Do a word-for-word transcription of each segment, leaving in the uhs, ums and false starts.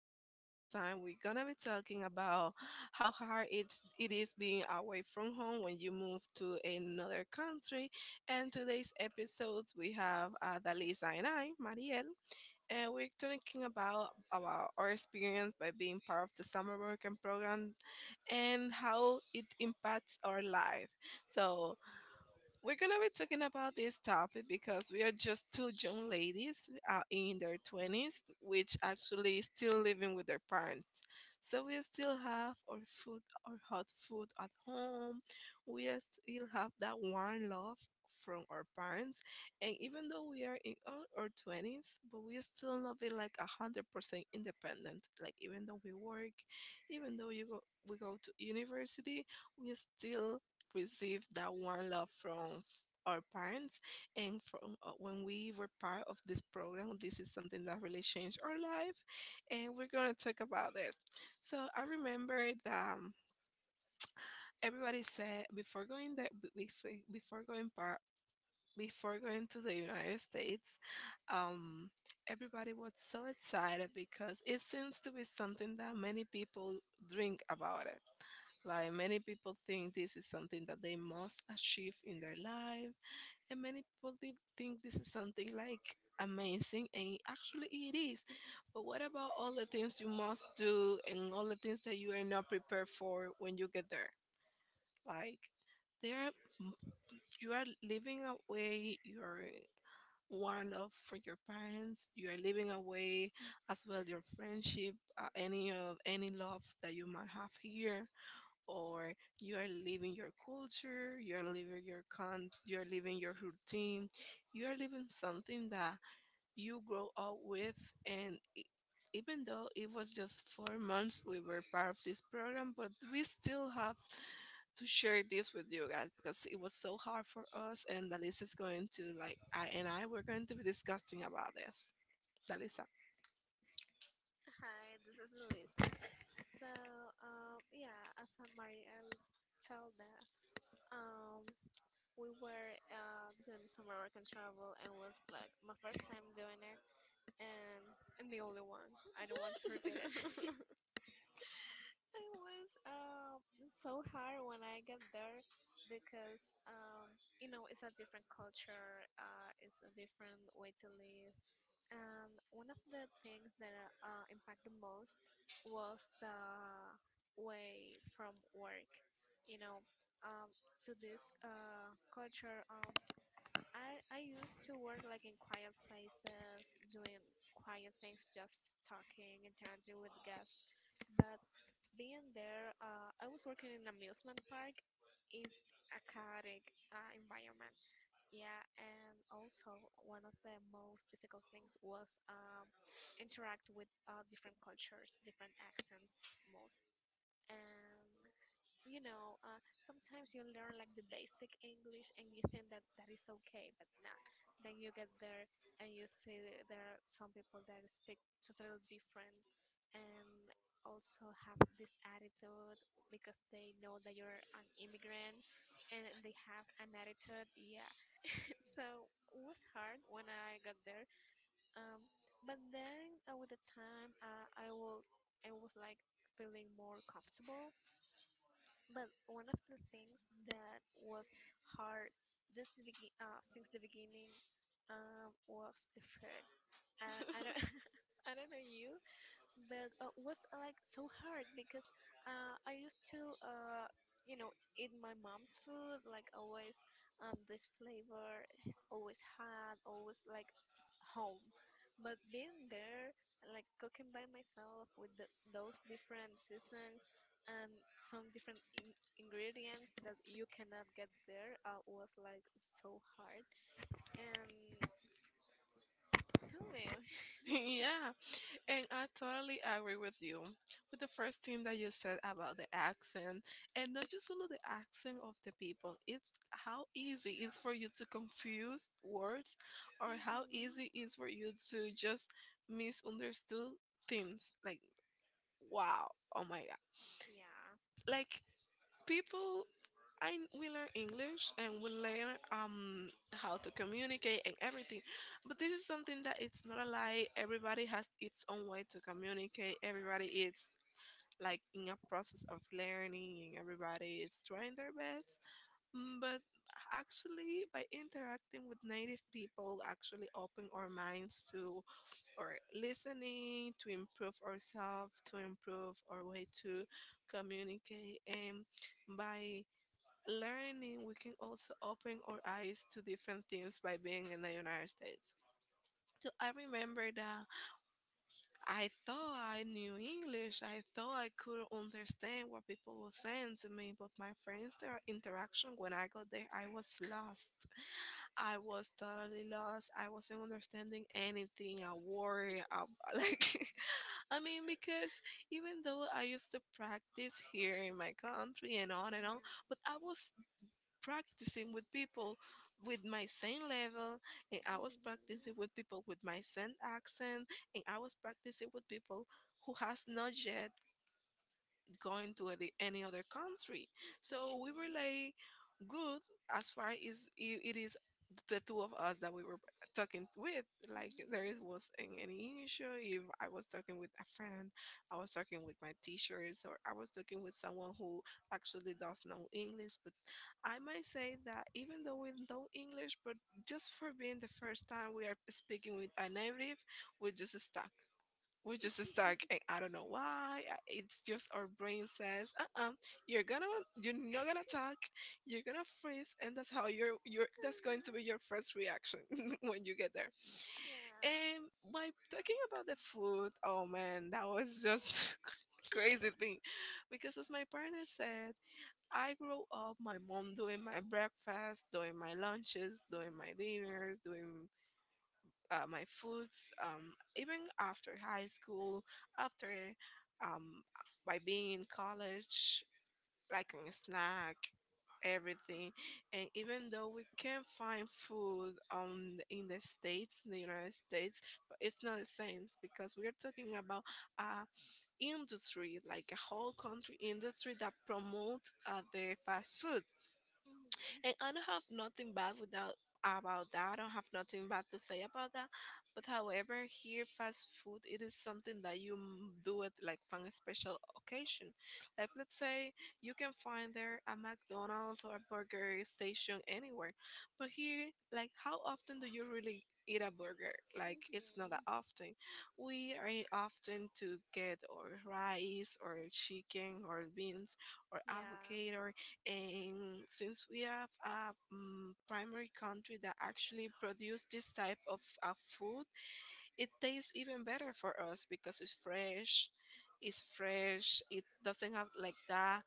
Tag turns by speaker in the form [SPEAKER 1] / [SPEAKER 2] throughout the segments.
[SPEAKER 1] episode. This time, we're gonna be talking about how hard it's, it is being away from home when you move to another country. And today's episode, we have uh, Dalisa and I, Mariel, and we're talking about, about our experience by being part of the summer working program and how it impacts our life. So, we're gonna be talking about this topic because we are just two young ladies uh, in their twenties, which actually still living with their parents. So we still have our food, our hot food at home. We are still have that warm love from our parents, and even though we are in our our twenties, but we still not be like a hundred percent independent. Like even though we work, even though you go, we go to university, we still receive that warm love from our parents and from uh, when we were part of this program, this is something that really changed our life, and we're going to talk about this. So i remember that um, everybody said before going that before, before going part before going to the United States. um, Everybody was so excited because it seems to be something that many people drink about it. Like many people think this is something that they must achieve in their life, and many people did think this is something like amazing, and actually it is. But what about all the things you must do and all the things that you are not prepared for when you get there? Like there, m- you are living away your one love for your parents. You are living away as well your friendship, uh, any of any love that you might have here, or you are living your culture, you are living your con, you are living your routine, you are living something that you grow up with, and e- even though it was just four months we were part of this program, but we still have to share this with you guys because it was so hard for us, and Dalisa is going to like I and I were going to be discussing about this. Dalisa.
[SPEAKER 2] Hi, this is Melissa. So, um, yeah, as a Mari, I that um, we were uh, doing the summer work and travel, and was like my first time doing it, and and the only one. I don't want to repeat it. It was um so hard when I got there because um you know it's a different culture, uh, it's a different way to live, And one of the things that uh, impact the most was the way from work. You know, um, to this uh, culture, um, I, I used to work like in quiet places, doing quiet things, just talking, interacting with guests. But being there, uh, I was working in amusement park, is a chaotic uh, environment, yeah, and also one of the most difficult things was um, interact with uh, different cultures, different accents most. And you know, uh, sometimes you learn like the basic English and you think that that is okay, but not. Then you get there and you see that there are some people that speak totally different and also have this attitude because they know that you're an immigrant and they have an attitude. Yeah, so it was hard when I got there. Um, but then uh, with the time, uh, I was I was like feeling more comfortable. But one of the things that was hard just the begin uh, since the beginning, um, was the food. I, I don't I don't know you, but uh, was uh, like so hard because uh, I used to, uh, you know, eat my mom's food like always. Um this flavor is always had always like s- home, but being there, like cooking by myself with those, those different seasons and some different in- ingredients that you cannot get there, uh, was like so hard. And tell me.
[SPEAKER 1] Yeah. And I totally agree with you with the first thing that you said about the accent, and not just only the accent of the people. It's how easy it's for you to confuse words, or how
[SPEAKER 2] Hmm.
[SPEAKER 1] easy it's for you to just misunderstood things. Like, wow, oh my god!
[SPEAKER 2] Yeah.
[SPEAKER 1] Like people, I we learn English and we learn um how to communicate and everything, but this is something that it's not a lie. Everybody has its own way to communicate. Everybody is like in a process of learning and everybody is trying their best. Mm, but actually by interacting with native people actually open our minds to, or listening to, improve ourselves to improve our way to communicate, and by learning we can also open our eyes to different things by being in the United States. So i remember that I thought I knew English. I thought I could understand what people were saying to me, but my friends, their interaction when I got there, I was lost. I was totally lost. I wasn't understanding anything. I worry. I, like, I mean, because even though I used to practice here in my country and on and on,
[SPEAKER 2] Yeah.
[SPEAKER 1] but I was practicing with people with my same level, and I was
[SPEAKER 2] Hmm.
[SPEAKER 1] practicing with people with my same accent, and I was practicing with people who has not yet gone to any any other country. So we were
[SPEAKER 2] Mhm.
[SPEAKER 1] like good as far as i- it is the two of us that we were talking with. Like there is
[SPEAKER 2] Mhm.
[SPEAKER 1] wasn't any issue. If I was talking with a friend, I was talking with my teachers, or I was talking with someone who actually does know English. But I might say that even though we know English, but just for being the first time we are speaking with a native, we just stuck. We just stuck and i don't know why I- it's just our brain says uh-uh, you're gonna, you're not gonna talk, you're gonna freeze, and that's how your your that's going to be your
[SPEAKER 2] Uh-huh.
[SPEAKER 1] first reaction when you get there.
[SPEAKER 2] Yeah.
[SPEAKER 1] And by talking about the food, oh man, that was just crazy thing, because as my partner said, I grew up my mom doing my breakfast, doing my lunches, doing my dinners, doing uh, my foods, um, even after high school, after um, by being in college, like a snack, everything. And even though we can find food on in the states in the United States, but it's not the same because we are talking about a industry, like a whole country industry that promote uh, the fast food. And
[SPEAKER 2] Mhm.
[SPEAKER 1] I don't have nothing bad without about that. I don't have nothing bad to say about that. But however, here fast food it is something that you m- do it like on a special occasion. Like let's say you can find there a McDonald's or a burger station anywhere. But here, like how often do you really eat a burger? Like it's not that
[SPEAKER 2] Mhm.
[SPEAKER 1] often. We are often to get or rice or chicken or beans or
[SPEAKER 2] Yeah.
[SPEAKER 1] avocado, and since we have a um, primary country that actually produce this type of uh, food, it tastes even better for us because it's fresh. It's fresh. It doesn't have like that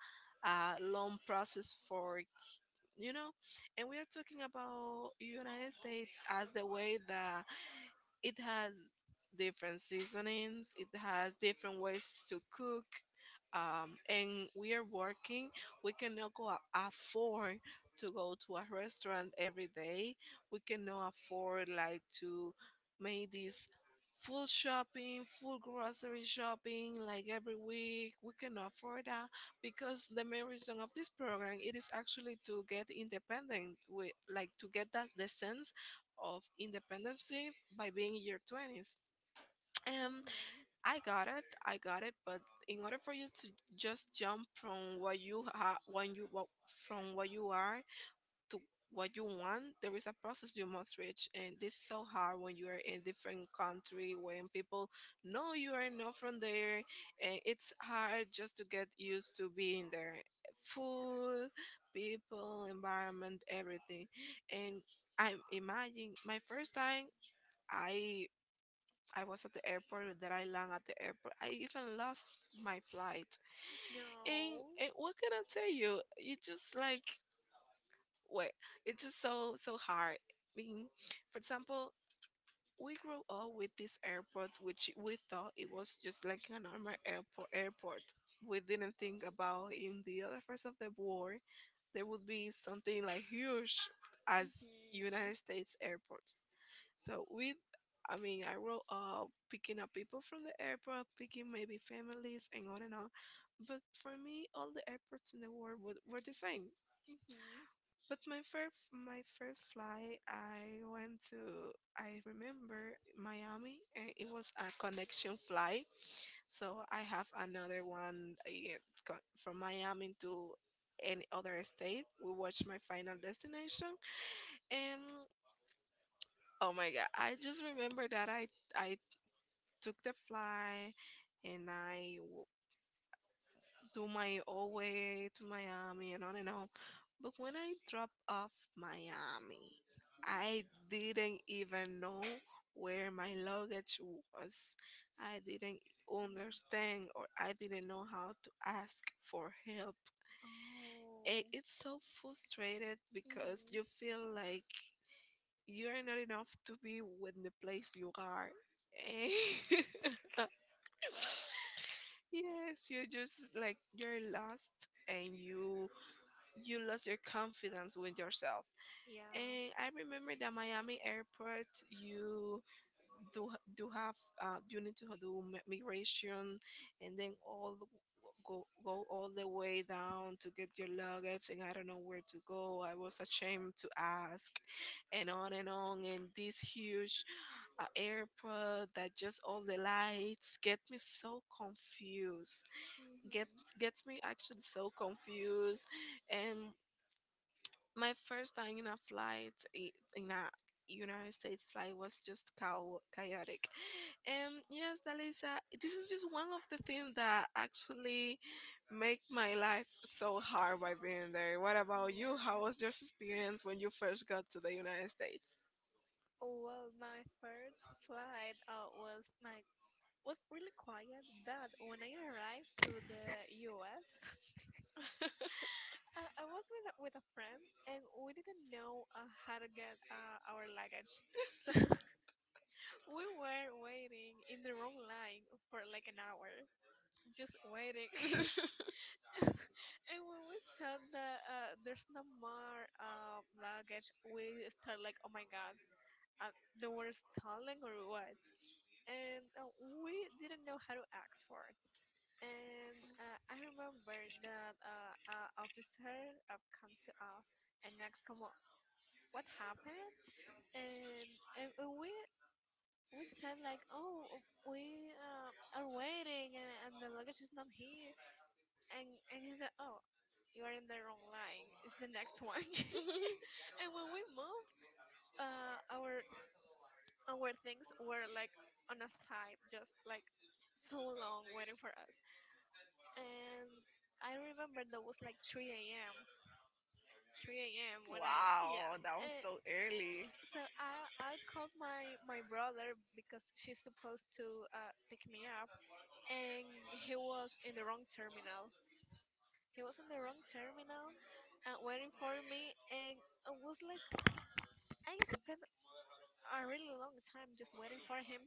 [SPEAKER 1] uh, long process, for you know. And we are talking about United States as the way that it has different seasonings, it has different ways to cook, um, and we are working. We cannot go a- afford to go to a restaurant every day. We cannot afford like to make this full shopping, full grocery shopping like every week. We cannot afford that, because the main reason of this program it is actually to get independent, with like to get that the sense of independency by being in your twenties. Um,
[SPEAKER 2] Mhm.
[SPEAKER 1] i got it i got it but in order for you to just jump from what you ha- when you what, from what you are to what you want, there is a process you must reach. And this is so hard when you are in different country, when people know you are not from there, and it's hard just to get used to being there. Food, people, environment, everything. And I imagine my first time, I I was at the airport, that I land at the airport. I even lost my flight. And,
[SPEAKER 2] No.
[SPEAKER 1] and what can I tell you? It's just like, wait, it's just so so hard. I mean, for example, we grew up with this airport, which we thought it was just like a normal airport. Airport. We didn't think about in the other parts of the war, there would be something like huge as United States airports. So we, I mean, I grew up picking up people from the airport, picking maybe families and on and on. But for me, all the airports in the world were, were the same.
[SPEAKER 2] Mhm.
[SPEAKER 1] But my first my first flight, I went to I remember Miami, and it was a connection flight. So I have another one eh, co- from Miami to any other state. We watched my final destination, and oh my god, I just remember that I I took the flight, and I do my all way to Miami and on and on. But when I dropped off Miami, I didn't even know where my luggage was. I didn't
[SPEAKER 2] Mm.
[SPEAKER 1] understand, or I didn't know how to ask for help. I-
[SPEAKER 2] Oh.
[SPEAKER 1] It's so frustrated because you
[SPEAKER 2] Mhm.
[SPEAKER 1] feel like you're not enough to be with the place you are. Eh, yes, you're just like you're lost, and you you lost your confidence with yourself.
[SPEAKER 2] Yeah.
[SPEAKER 1] And I remember that Miami airport, you do do have, uh, you need to do mi- migration, and then all the- go go all the way down to get your luggage, and I don't know where to go. I was ashamed to ask, and on and on, and this huge uh, airport that just all the lights get me so confused. Get
[SPEAKER 2] Mhm.
[SPEAKER 1] Gets me actually so confused, and my first time in a flight i- in a United States flight was just chao- chaotic. And yes, Dalisa, this is just one of the things that actually make my life so hard by being there. What about you? How
[SPEAKER 2] Yeah.
[SPEAKER 1] was your experience when you first got to the United States?
[SPEAKER 2] Well, my first flight uh, was like, was really quiet, but when I arrived to the U S, uh, I was with with a friend, and we didn't know uh, how to get uh, our luggage. So we were waiting in the wrong line for like an hour, just waiting. And when we saw that, uh, there's no more uh, luggage, we start like, oh my god, uh, they were stalling or what? And, uh, we didn't know how to ask for it. And, uh, I remember that uh, uh, officer uh, come to us and asked, come on, what happened? And, and and we we said like, oh, we, uh, are waiting, and, and the luggage is not here. And and he said, oh, you're in the wrong line. It's the next one. And when we moved, uh, our our things were like on a side, just like so long waiting for us. And I remember that was like three a m three a m when I, yeah.
[SPEAKER 1] Wow, that was
[SPEAKER 2] Uh,
[SPEAKER 1] so early.
[SPEAKER 2] so I I called my my brother, because she's supposed to uh, pick me up, and he was in the wrong terminal. He was in the wrong terminal and waiting for me, and I was like, I spent a really long time just waiting for him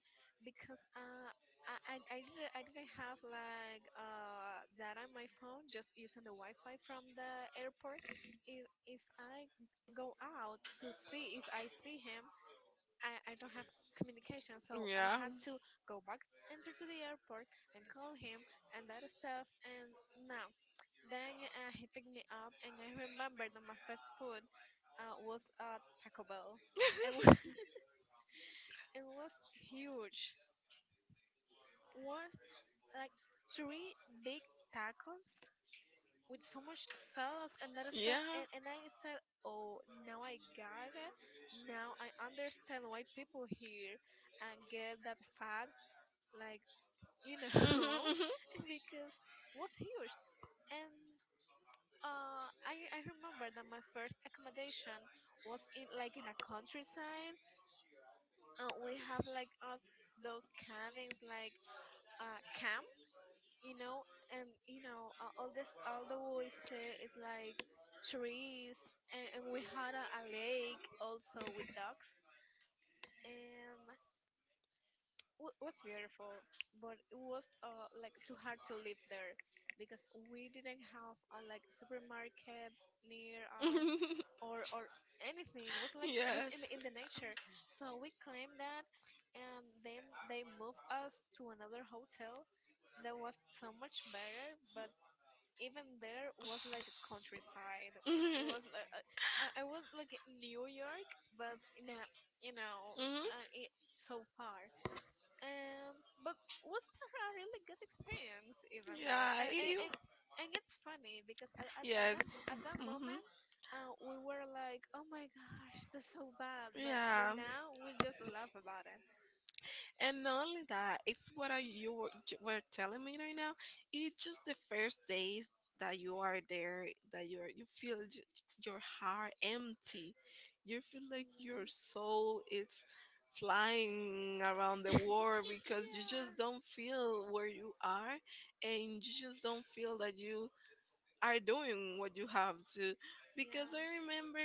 [SPEAKER 2] because, uh, I, I, I didn't I didn't have like uh, data on my phone, just using the Wi-Fi from the airport. If if I go out to see if I see him, I, I don't have communication, so I
[SPEAKER 1] Yeah.
[SPEAKER 2] had to go back, enter to the airport, and call him, and that stuff. And now, then, uh, he picked me up, and I remembered that my first food uh, was, uh, Taco Bell, and wa- it was huge. Was like three big tacos with so much sauce and that stuff.
[SPEAKER 1] Yeah.
[SPEAKER 2] And and I said, oh, now I got it. Now I understand why people here and get that fat, like, you know.
[SPEAKER 1] Mhm.
[SPEAKER 2] Because it was huge. And uh I, I remember that my first accommodation was, in like in a countryside, uh, we have like us those cabins, like uh camp, you know. And you know, uh, all this, all the we, is like trees, and, and we had a, a lake also with ducks, and w- was beautiful, but it was uh like too hard to live there because we didn't have a like supermarket near us,
[SPEAKER 1] Mhm.
[SPEAKER 2] or or anything. It was like just in
[SPEAKER 1] Yes.
[SPEAKER 2] the, in the nature. So we claimed that, and then they moved us to another hotel that was so much better, but. even there was like countryside. It
[SPEAKER 1] Mhm.
[SPEAKER 2] was like, uh, I I was like in New York, but in a, you know,
[SPEAKER 1] Mhm.
[SPEAKER 2] uh, it, so far, and but was a really good experience even though,
[SPEAKER 1] Yeah. I-
[SPEAKER 2] and and,
[SPEAKER 1] you-
[SPEAKER 2] and, and it's funny because, at, at, at that
[SPEAKER 1] Yes.
[SPEAKER 2] at that
[SPEAKER 1] Mhm.
[SPEAKER 2] moment, uh, we were like, oh my gosh, that's so bad, but
[SPEAKER 1] Yeah.
[SPEAKER 2] n- now we just laugh about it.
[SPEAKER 1] And not only that, it's what are you were j- were telling me right now. It's just the first days that you are there, that you are you feel j- your heart empty. You feel like your
[SPEAKER 2] Hmm.
[SPEAKER 1] soul is flying around the world because you
[SPEAKER 2] Yeah.
[SPEAKER 1] just don't feel where you are, and you just don't feel that you are doing what you have to because I
[SPEAKER 2] Yeah.
[SPEAKER 1] remember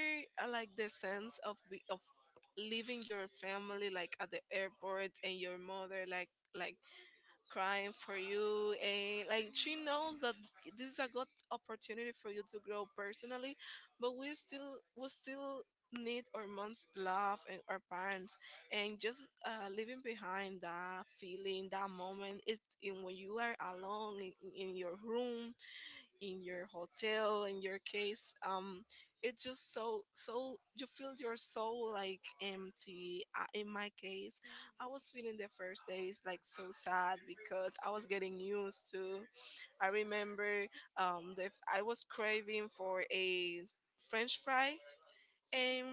[SPEAKER 1] uh, like the sense of be- of leaving your family like at the airport and your mother like like crying for you and like she
[SPEAKER 2] Hmm.
[SPEAKER 1] knows that this is a good opportunity for you to grow personally, but we still we still need our mom's love and our parents. And just uh, leaving behind that feeling, that moment, it's in when you are alone in, in your room, in your hotel, in your case. Um it's just so so you feel your soul like empty, uh, in my case.
[SPEAKER 2] Hmm.
[SPEAKER 1] I was feeling the first days like so sad because I was getting used to, I remember, um the, I was craving for a french fry. And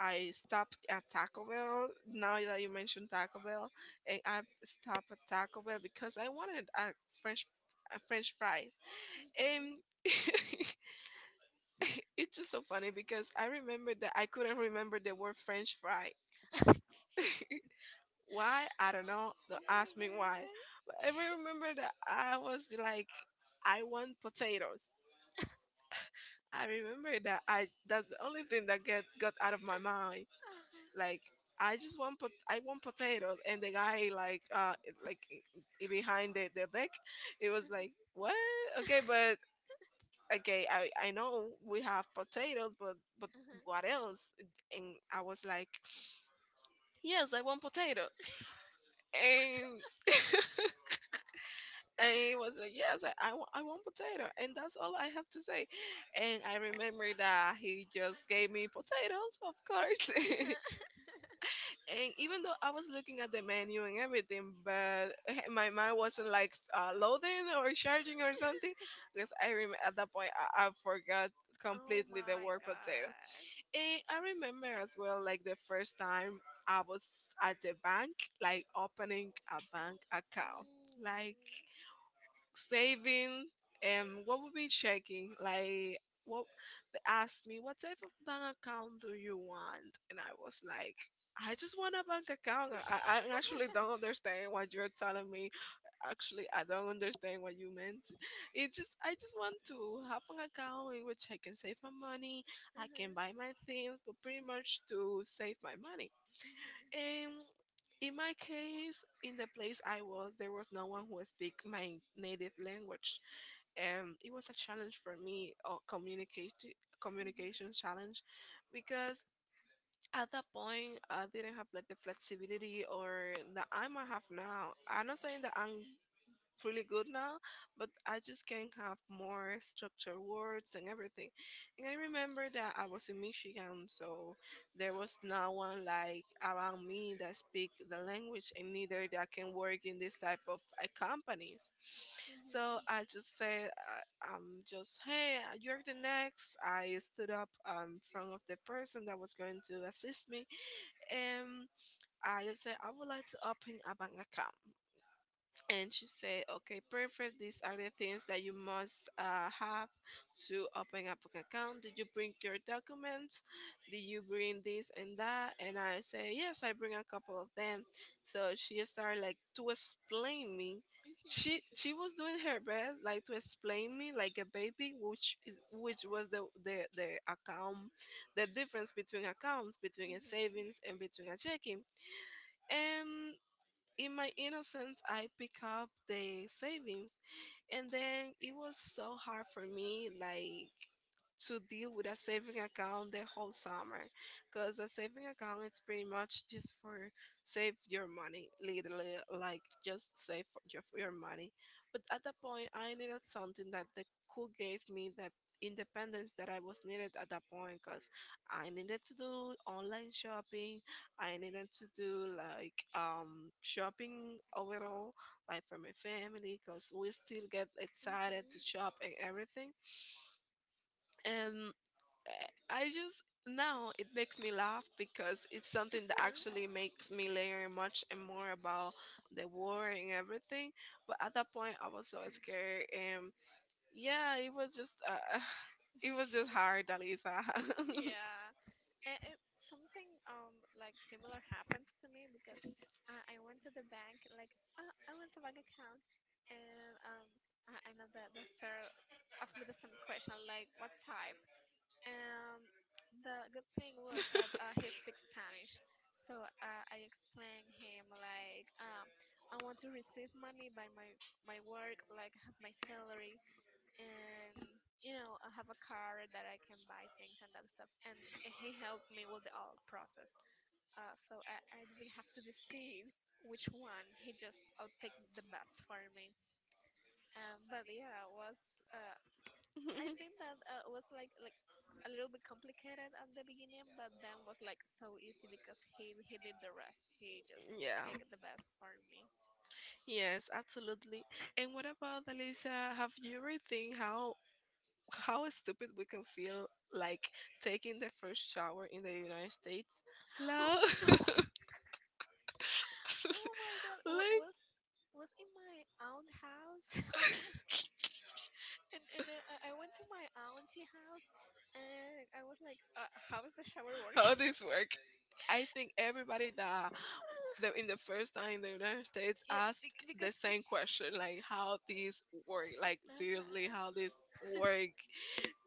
[SPEAKER 1] I stopped at Taco Bell. Now that you mentioned Taco Bell, and I stopped at Taco Bell because I wanted a French a French fry. Um, it's just so funny because I remember that I couldn't remember the word French fry. Why? I don't know. Don't
[SPEAKER 2] Oh my
[SPEAKER 1] ask me why.
[SPEAKER 2] god.
[SPEAKER 1] But I remember that I was like, I want potatoes. I remember that I that's the only thing that get got out of my mind.
[SPEAKER 2] Uh-huh.
[SPEAKER 1] Like I just want pot- I want potatoes, and the guy like uh like i- i- behind the the deck, it was like, what? Okay, but okay, I, I know we have potatoes, but but what
[SPEAKER 2] Uh-huh.
[SPEAKER 1] else? And I was like, yes, I want potato. And and he was like, yes, I, I, wa- I want potato. And that's all I have to say. And I remember that he just gave me potatoes, of course.
[SPEAKER 2] Uh-huh.
[SPEAKER 1] And even though I was looking at the menu and everything, but my mind wasn't like uh, loading or charging or something, because I rem- at that point I, I forgot
[SPEAKER 2] Oh
[SPEAKER 1] completely the
[SPEAKER 2] my
[SPEAKER 1] word potato.
[SPEAKER 2] god.
[SPEAKER 1] And I remember as well, like the first time I was at
[SPEAKER 2] Mm.
[SPEAKER 1] the bank, like opening a bank account, like saving, and what would be checking, like what they asked me, what type of bank account do you want? And I was like, I just want a bank account. I, I I actually don't understand what you're telling me. Actually, I don't understand what you meant. It just I just want to have an account in which I can save my money, I can buy
[SPEAKER 2] Mhm.
[SPEAKER 1] my things, but pretty much to save my money.
[SPEAKER 2] Mhm.
[SPEAKER 1] And in my case, in the place I was, there was no one who speak my native language, and it was a challenge for me or communicate,
[SPEAKER 2] Mhm.
[SPEAKER 1] communication challenge. Because at that point I didn't have like the flexibility or that I might have now. I'm not saying that I'm really good now, but I just can't have more structured words and everything. And I remember that I was in Michigan, so there was no one like around me that speak the language and neither that can work in this type of uh, companies.
[SPEAKER 2] Mhm.
[SPEAKER 1] So I just said, uh, um, just, hey, uh, you're the next. I stood up um, in front of the person that was going to assist me, and I just said, I would like to open a bank account. And she said, okay, perfect, these are the things that you must uh, have to open up an account. Did you bring your documents? Did you bring this and that? And I say, yes, I bring a couple of them. So she started like to explain me, she she was doing her best like to explain me like a baby which is which was the the, the account, the difference between accounts, between a
[SPEAKER 2] Mhm.
[SPEAKER 1] savings and between a checking. And in my innocence I pick up the savings, and then it was so hard for me like to deal with a saving account the whole summer, because a saving account it's pretty much just for save your money, literally, like just save for your, for your money. But at that point I needed something that the cool gave me the independence that I was needed at that point, because I needed to do online shopping, I needed to do like um shopping overall, like for my family, because we still get excited to
[SPEAKER 2] Mhm.
[SPEAKER 1] shop and everything. And uh, I just, now it makes me laugh because it's something that actually makes me learn much and more about the war and everything. But at that point, I was so scared, and yeah, it was just uh, it was just hard, Alisa.
[SPEAKER 2] Yeah. And it, something um like similar happens to me because I, I went to the bank, like uh, I went to bank account, and um I, I know that the sir asked me the same question, like what type. And the good thing was that, uh, he speaks Spanish. So, uh, I explained him like, um, I want to receive money by my my work, like have my salary, and you know, I have a car, that I can buy things and that stuff. And he helped me with the all process. Uh, so I, I didn't have to decide which one. He just outpicked the best for me. Um, but yeah, it was. Uh, I think that uh, was like, like a little bit complicated at the beginning, but then was like so easy because he he did the rest. He just
[SPEAKER 1] Yeah.
[SPEAKER 2] picked the best for me.
[SPEAKER 1] Yes, absolutely. And what about Alicia? Have you ever think how how stupid we can feel like taking the first shower in the United States?
[SPEAKER 2] Oh
[SPEAKER 1] No,
[SPEAKER 2] no. Oh my god, what
[SPEAKER 1] like
[SPEAKER 2] was was in my aunt house? Oh my, and and I, I I went to my auntie house, and I was like, uh, how does the shower work?
[SPEAKER 1] how this work. I think everybody that the, in the first time the United States
[SPEAKER 2] Yeah,
[SPEAKER 1] asked
[SPEAKER 2] bec- because
[SPEAKER 1] the
[SPEAKER 2] it's.
[SPEAKER 1] same question, like how these work, like
[SPEAKER 2] Uh
[SPEAKER 1] seriously, how
[SPEAKER 2] huh,
[SPEAKER 1] this work,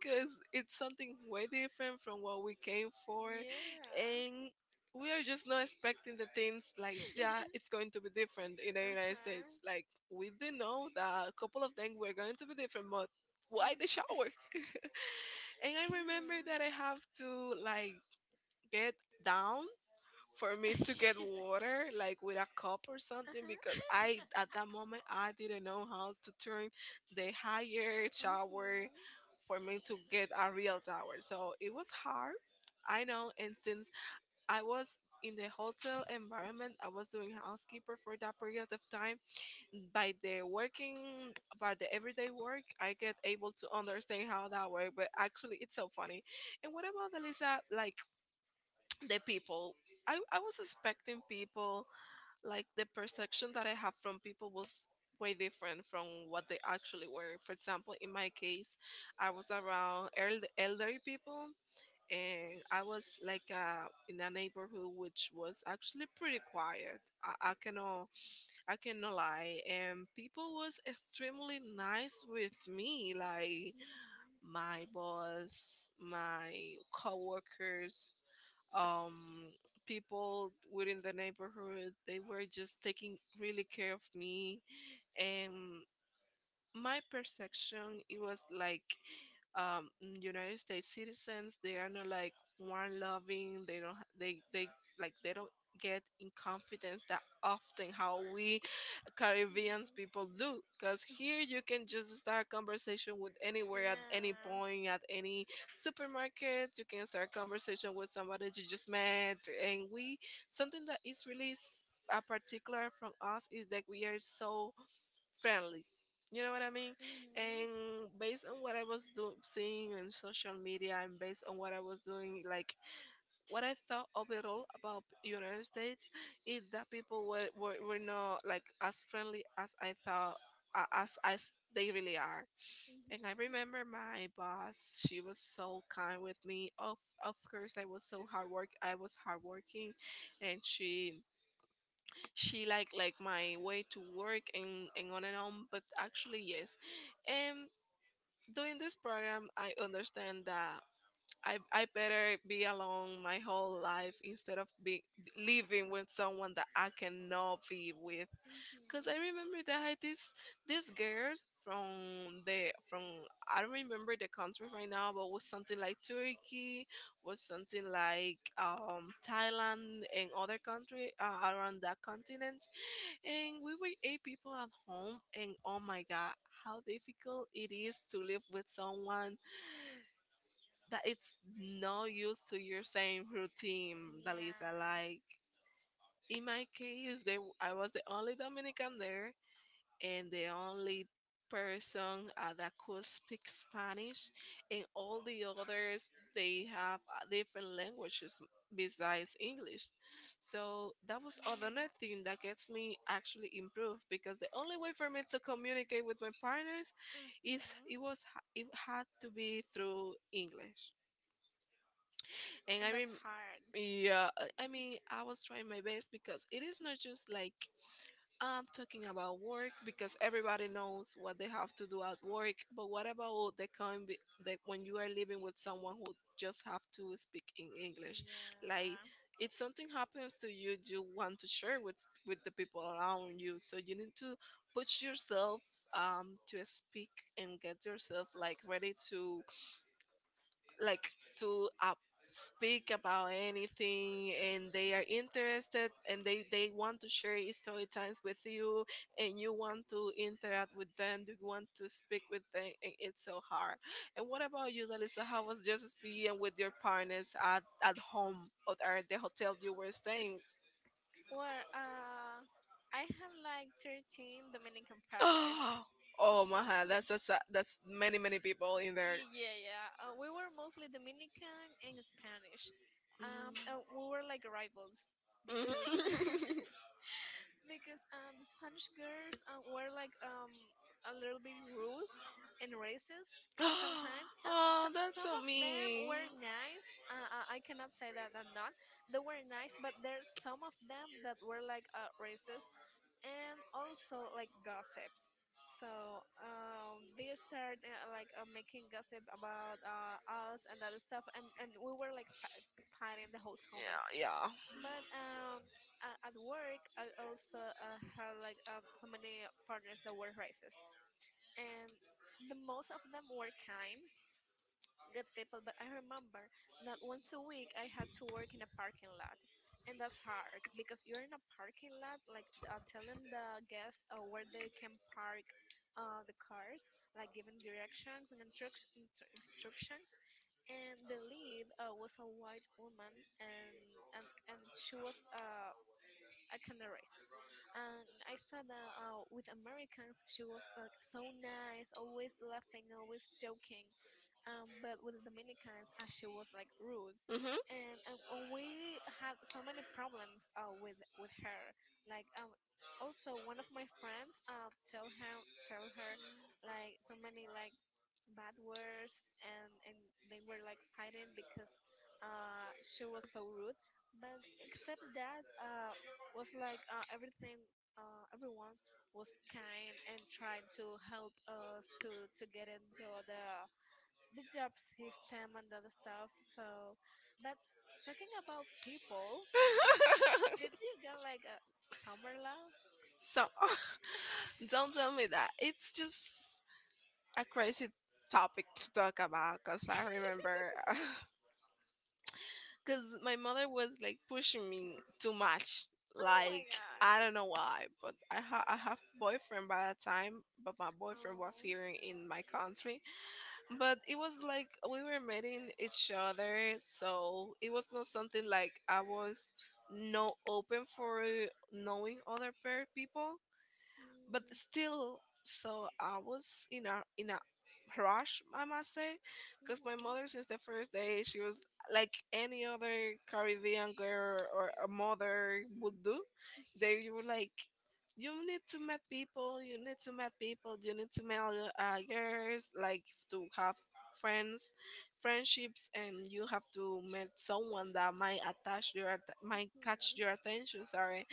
[SPEAKER 1] because it's something way different from what we came for,
[SPEAKER 2] yeah.
[SPEAKER 1] and we are just not expecting the things like that. It's going to be different in the
[SPEAKER 2] uh
[SPEAKER 1] United
[SPEAKER 2] huh,
[SPEAKER 1] States. Like we do know that a couple of things were going to be different, but why the shower? And I remember
[SPEAKER 2] yeah.
[SPEAKER 1] that I have to like get down for me to get water like with a cup or
[SPEAKER 2] uh
[SPEAKER 1] something, because
[SPEAKER 2] huh.
[SPEAKER 1] I, at that moment, I didn't know how to turn the higher
[SPEAKER 2] Mhm.
[SPEAKER 1] shower for me to get a real shower. So it was hard. I know, and since I was in the hotel environment, I was doing housekeeper for that period of time. By the working, by the everyday work, I get able to understand how that works, but actually it's so funny. And what about Elisa, like the people? I, I was expecting people, like the perception that I have from people was way different from what they actually were. For example, in my case, I was around eld- elderly people, and I was like uh, in a neighborhood which was actually pretty quiet. I, I cannot I cannot lie. And people was extremely nice with me, like my boss, my coworkers, um people within the neighborhood, they were just taking really care of me. And my perception, it was like, um United States citizens, they are not like one loving, they don't ha- they they like they don't get in confidence that often how we Caribbean people do, because here you can just start a conversation with anywhere, at any
[SPEAKER 2] Yeah.
[SPEAKER 1] point, at any supermarket you can start conversation with somebody that you just met. And we, something that is really s- a particular from us, is that we are so friendly, you know what I mean?
[SPEAKER 2] Mhm.
[SPEAKER 1] And based on what I was doing, seeing on social media, and based on what I was doing, like what I thought overall about United States, is that people were, were, were not like as friendly as I thought a- as as they really are. And I
[SPEAKER 2] Mhm.
[SPEAKER 1] remember my boss, she was so kind with me. Of of course, I was so hard work, I was hardworking, and she she like like my way to work and and on and on. But actually, yes, and. Doing this program, I understand that I, I better be alone my whole life instead of be, living with someone that I cannot be with. Cause I
[SPEAKER 2] Mhm.
[SPEAKER 1] remember that I had this this girl from the from I don't remember the country right now, but was something like Turkey, was something like um Thailand and other country uh, around that continent. And we were eight people at home, and oh my god, how difficult it is to live with someone that it's not used to your same routine, Dalisa.
[SPEAKER 2] Yeah.
[SPEAKER 1] Like in my case, they I was the only Dominican there, and the only person uh, that could speak Spanish, and all the others, they have uh, different languages besides English. So that was another thing that gets me actually improved, because the only way for me to communicate with my partners is
[SPEAKER 2] Mhm.
[SPEAKER 1] it was, it had to be through English. And
[SPEAKER 2] And
[SPEAKER 1] I
[SPEAKER 2] that's
[SPEAKER 1] rem
[SPEAKER 2] hard.
[SPEAKER 1] yeah, I I mean, I was trying my best because it is not just like, I'm talking about work because everybody knows what they have to do at work. But what about the kind be- like when you are living with someone who just have to speak in English? Like,
[SPEAKER 2] Yeah.
[SPEAKER 1] if something happens to you, you want to share with with the people around you. So you need to put yourself um to speak and get yourself like ready to like to uh, speak about anything, and they are interested, and they they want to share story times with you, and you want to interact with them, you want to speak with them, and it's so hard. And what about you, Lalisa? How was your experience with your partners at, at home or at the hotel you were staying?
[SPEAKER 2] Well, uh, I had like thirteen Dominican partners.
[SPEAKER 1] Oh my God, that's that's that's many many people in there.
[SPEAKER 2] Yeah, yeah, yeah. Uh, we were mostly Dominican and Spanish. Um, uh, we were like rivals,
[SPEAKER 1] Mm.
[SPEAKER 2] because because, um, the Spanish girls uh, were like um a little bit rude and racist sometimes. Uh, so,
[SPEAKER 1] Oh, that's
[SPEAKER 2] some
[SPEAKER 1] so
[SPEAKER 2] of them
[SPEAKER 1] mean.
[SPEAKER 2] were nice. Uh, uh, I cannot say that I'm not. They were nice, but there's some of them that were like, uh, racist, and also like gossips. So um, they start, uh, like, uh, making gossip about, uh, us and other stuff, and, and we were like fi- fighting the whole summer.
[SPEAKER 1] Yeah, yeah.
[SPEAKER 2] But um, a- at work, I also uh, had like uh, so many partners that were racist, and the most of them were kind, good people. But I remember that once a week I had to work in a parking lot, and that's hard because you're in a parking lot, like, uh, telling the guests uh, where they can park uh, the cars, like giving directions and instruct- instru- instructions. And the lead uh, was a white woman, and and and she was, uh, a kind of racist. And I saw that, uh, with Americans, she was like so nice, always laughing, always joking. Um, but with Dominicans, uh, she was like rude.
[SPEAKER 1] Hmm.
[SPEAKER 2] And, and we had so many problems, uh, with with her. Like, um, also one of my friends uh, tell him tell her like so many like bad words, and and they were like fighting because uh she was so rude. But except that, uh was like, uh, everything, uh everyone was kind and tried to help us to to get into the the job system and other stuff. So, but, talking about people, uh, did you get like a summer love?
[SPEAKER 1] So don't tell me that. It's just a crazy topic to talk about because I remember because my mother was like pushing me too much.
[SPEAKER 2] Oh my
[SPEAKER 1] Like, I don't
[SPEAKER 2] god.
[SPEAKER 1] know why, but I ha- I have boyfriend by that time, but my boyfriend
[SPEAKER 2] Oh.
[SPEAKER 1] was here in my country, but it was like we were meeting each other, so it was not something like I was no open for knowing other pair people. But still, so I was in a in a rush, I must say. Because my mother, since the first day, she was like any other Caribbean girl or a mother would do. They were like, you need to meet people, you need to meet people, you need to meet uh, girls, like, to have friends friendships, and you have to meet someone that might attach your att- might catch your
[SPEAKER 2] Mm-hmm.
[SPEAKER 1] attention. Sorry.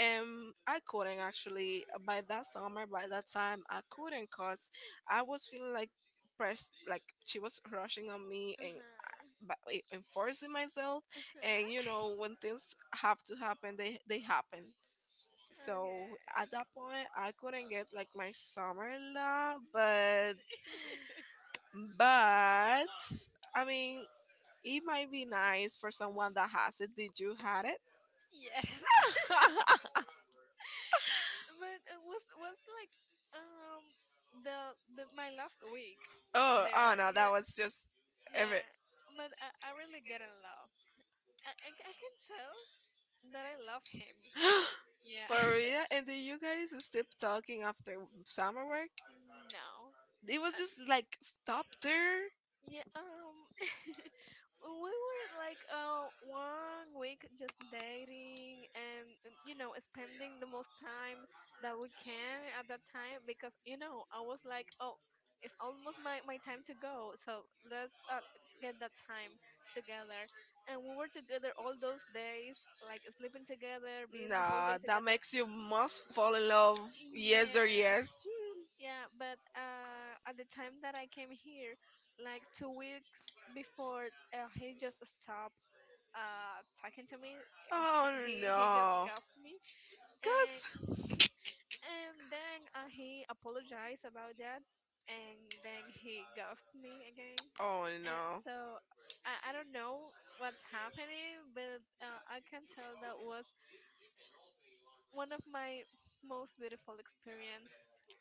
[SPEAKER 1] um, I couldn't actually. Uh, by that summer, by that time, I couldn't, cause I was feeling like pressed, like she was rushing on me, and
[SPEAKER 2] Uh-huh.
[SPEAKER 1] but eh, enforcing myself. And you
[SPEAKER 2] Uh-huh.
[SPEAKER 1] know, when things have to happen, they they happen.
[SPEAKER 2] Okay.
[SPEAKER 1] So at that point, I couldn't get like my summer love, but but I mean, it might be nice for someone that has it. Did you had it?
[SPEAKER 2] Yes. But it was, was like, um the the my last week
[SPEAKER 1] oh, oh
[SPEAKER 2] there.
[SPEAKER 1] no, that
[SPEAKER 2] Yeah,
[SPEAKER 1] was just every.
[SPEAKER 2] yeah. But I, I really get in love. I, I I can tell that I love him. Yeah.
[SPEAKER 1] For real? And then you guys still talking after summer work?
[SPEAKER 2] No.
[SPEAKER 1] It was
[SPEAKER 2] Uh,
[SPEAKER 1] just like stop there.
[SPEAKER 2] Yeah, um, we were like uh one week just dating, and, and you know, spending the most time that we can at that time because, you know, I was like, oh, it's almost my my time to go, so let's uh, get that time together. And we were together all those days like sleeping together, being the whole
[SPEAKER 1] Nah,
[SPEAKER 2] day
[SPEAKER 1] that
[SPEAKER 2] together.
[SPEAKER 1] makes you must fall in love. Yes or
[SPEAKER 2] Yeah.
[SPEAKER 1] yes. Hmm.
[SPEAKER 2] yeah, but uh, at the time that I came here, like two weeks before, uh, he just stopped uh, talking to me. Uh, sh-
[SPEAKER 1] Oh
[SPEAKER 2] He he just
[SPEAKER 1] no.
[SPEAKER 2] got me,
[SPEAKER 1] Cause
[SPEAKER 2] and and then uh, he apologized about that, and then he ghosted me again.
[SPEAKER 1] oh
[SPEAKER 2] And
[SPEAKER 1] no.
[SPEAKER 2] so, I, I don't know what's happening, but, uh, I can tell that was one of my most beautiful experience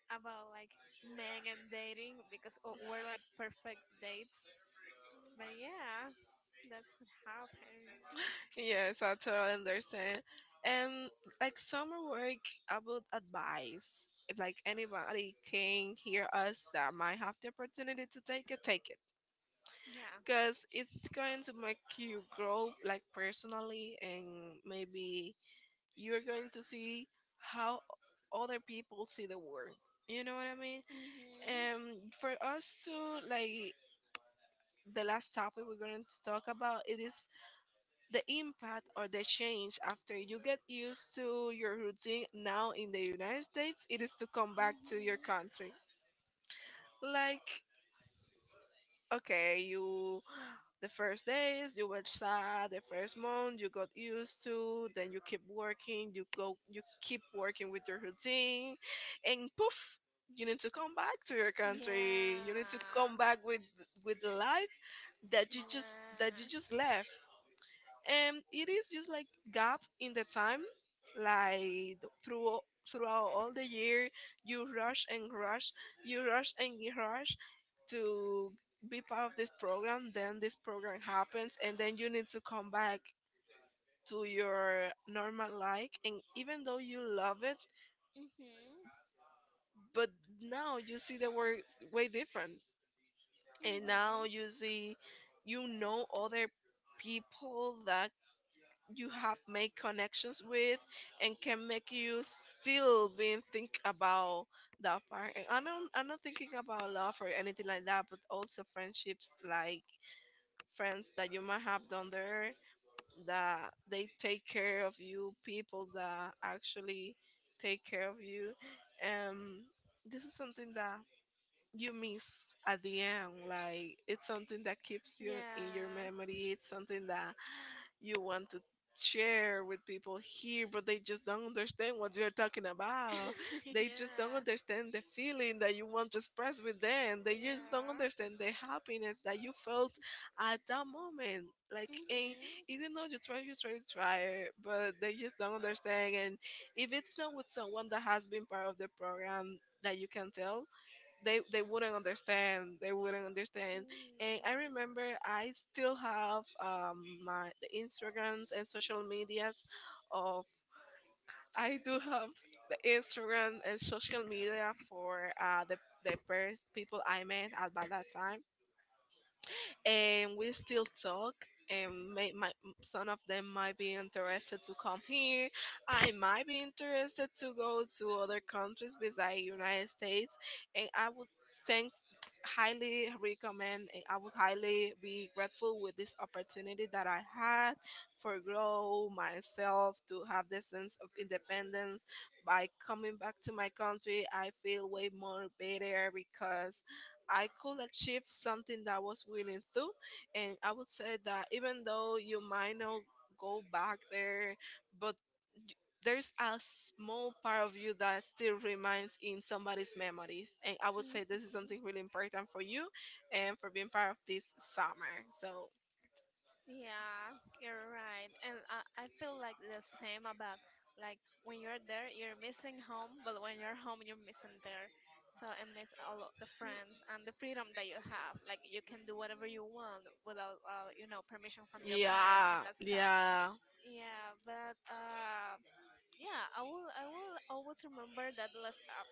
[SPEAKER 2] about, like, men and dating, because o- we're like perfect dates. But yeah, that's what happened.
[SPEAKER 1] Yes, I totally understand. And like summer work, I would advise like anybody can hear us that might have the opportunity to take it, take it,
[SPEAKER 2] Yeah.
[SPEAKER 1] because it's going to make you grow like personally, and maybe you're going to see how other people see the world, you know what I mean.
[SPEAKER 2] Mhm.
[SPEAKER 1] And for us to, like, the last topic we're going to talk about, it is the impact or the change after you get used to your routine now in the United States, it is to come back to your
[SPEAKER 2] Mhm.
[SPEAKER 1] country. Like, okay, you, the first days you were sad, the first month you got used to, then you keep working, you go you keep working with your routine, and poof, you need to come back to your country. You need to come
[SPEAKER 2] Yeah.
[SPEAKER 1] back with with the life that you just that you
[SPEAKER 2] Yeah.
[SPEAKER 1] just left. And it is just like gap in the time, like through throughout all the year, you rush and rush, you rush and you rush, to be part of this program, then this program happens, and then you need to come back to your normal life. And even though you love it,
[SPEAKER 2] Mhm.
[SPEAKER 1] but now you see the world way different. And now
[SPEAKER 2] Mhm.
[SPEAKER 1] you see, you know, other people that you have made connections with, and can make you still being think about that part. And i don't I'm not thinking about love or anything like that, but also friendships, like friends that you might have down there, that they take care of you, people that actually take care of you. Um, this is something that you miss at the end. Like, it's something that keeps you in your
[SPEAKER 2] Yeah.
[SPEAKER 1] memory. It's something that you want to share with people here, but they just don't understand what you're talking about. They just don't
[SPEAKER 2] Yeah.
[SPEAKER 1] understand the feeling that you want to express with them. They just don't
[SPEAKER 2] Yeah.
[SPEAKER 1] understand the happiness that you felt at that moment. Like, and
[SPEAKER 2] Mhm.
[SPEAKER 1] even though you try, you try, you try, but they just don't understand. And if it's not with someone that has been part of the program that you can tell, they they wouldn't understand, they wouldn't understand. And I
[SPEAKER 2] Mhm.
[SPEAKER 1] remember, I still have um my the instagrams and social medias of I do have the instagram and social media for uh the the first people I met at by that time, and we still talk. And may, my some of them might be interested to come here, I might be interested to go to other countries besides United States. And I would thank highly recommend, and I would highly be grateful with this opportunity that I had for grow myself, to have this sense of independence. By coming back to my country, I feel way more better because I could achieve something that I was willing to. And I would say that even though you might not go back there, but there's a small part of you that still remains in somebody's memories. And I would say this is
[SPEAKER 2] Mhm.
[SPEAKER 1] something really important for you and for being part of this summer. So
[SPEAKER 2] Yeah, you're right. And I, I feel like the same about, like, when you're there, you're missing home, but when you're home, you're missing there. So I miss all of the friends and the freedom that you have. Like you can do whatever you want without, uh, you know, permission from your parents and
[SPEAKER 1] yeah,
[SPEAKER 2] that stuff.
[SPEAKER 1] yeah.
[SPEAKER 2] Yeah, but uh, yeah, I will, I will always remember that last, uh,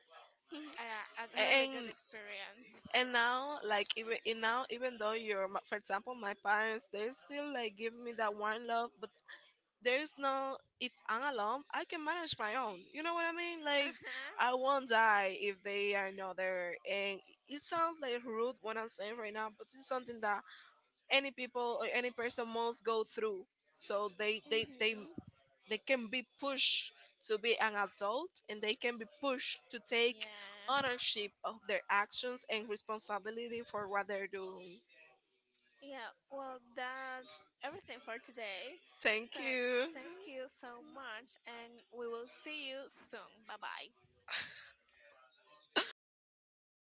[SPEAKER 2] a, a really good
[SPEAKER 1] And
[SPEAKER 2] experience.
[SPEAKER 1] and now, like, even and now, even though you're my- for example my parents, they still like give me that one love. But there's no if I'm alone, I can manage my own. You know what I mean? Like,
[SPEAKER 2] Uh huh.
[SPEAKER 1] I won't die if they are not there. And it sounds like rude what I'm saying right now, but it's something that any people or any person must go through. So they they they
[SPEAKER 2] Mhm.
[SPEAKER 1] they can be pushed to be an adult, and they can be pushed to take
[SPEAKER 2] Yeah.
[SPEAKER 1] ownership of their actions and responsibility for what they're doing.
[SPEAKER 2] Yeah, well, that's everything for today.
[SPEAKER 1] Thank
[SPEAKER 2] So,
[SPEAKER 1] you.
[SPEAKER 2] thank you so much, and we will see you soon. Bye bye.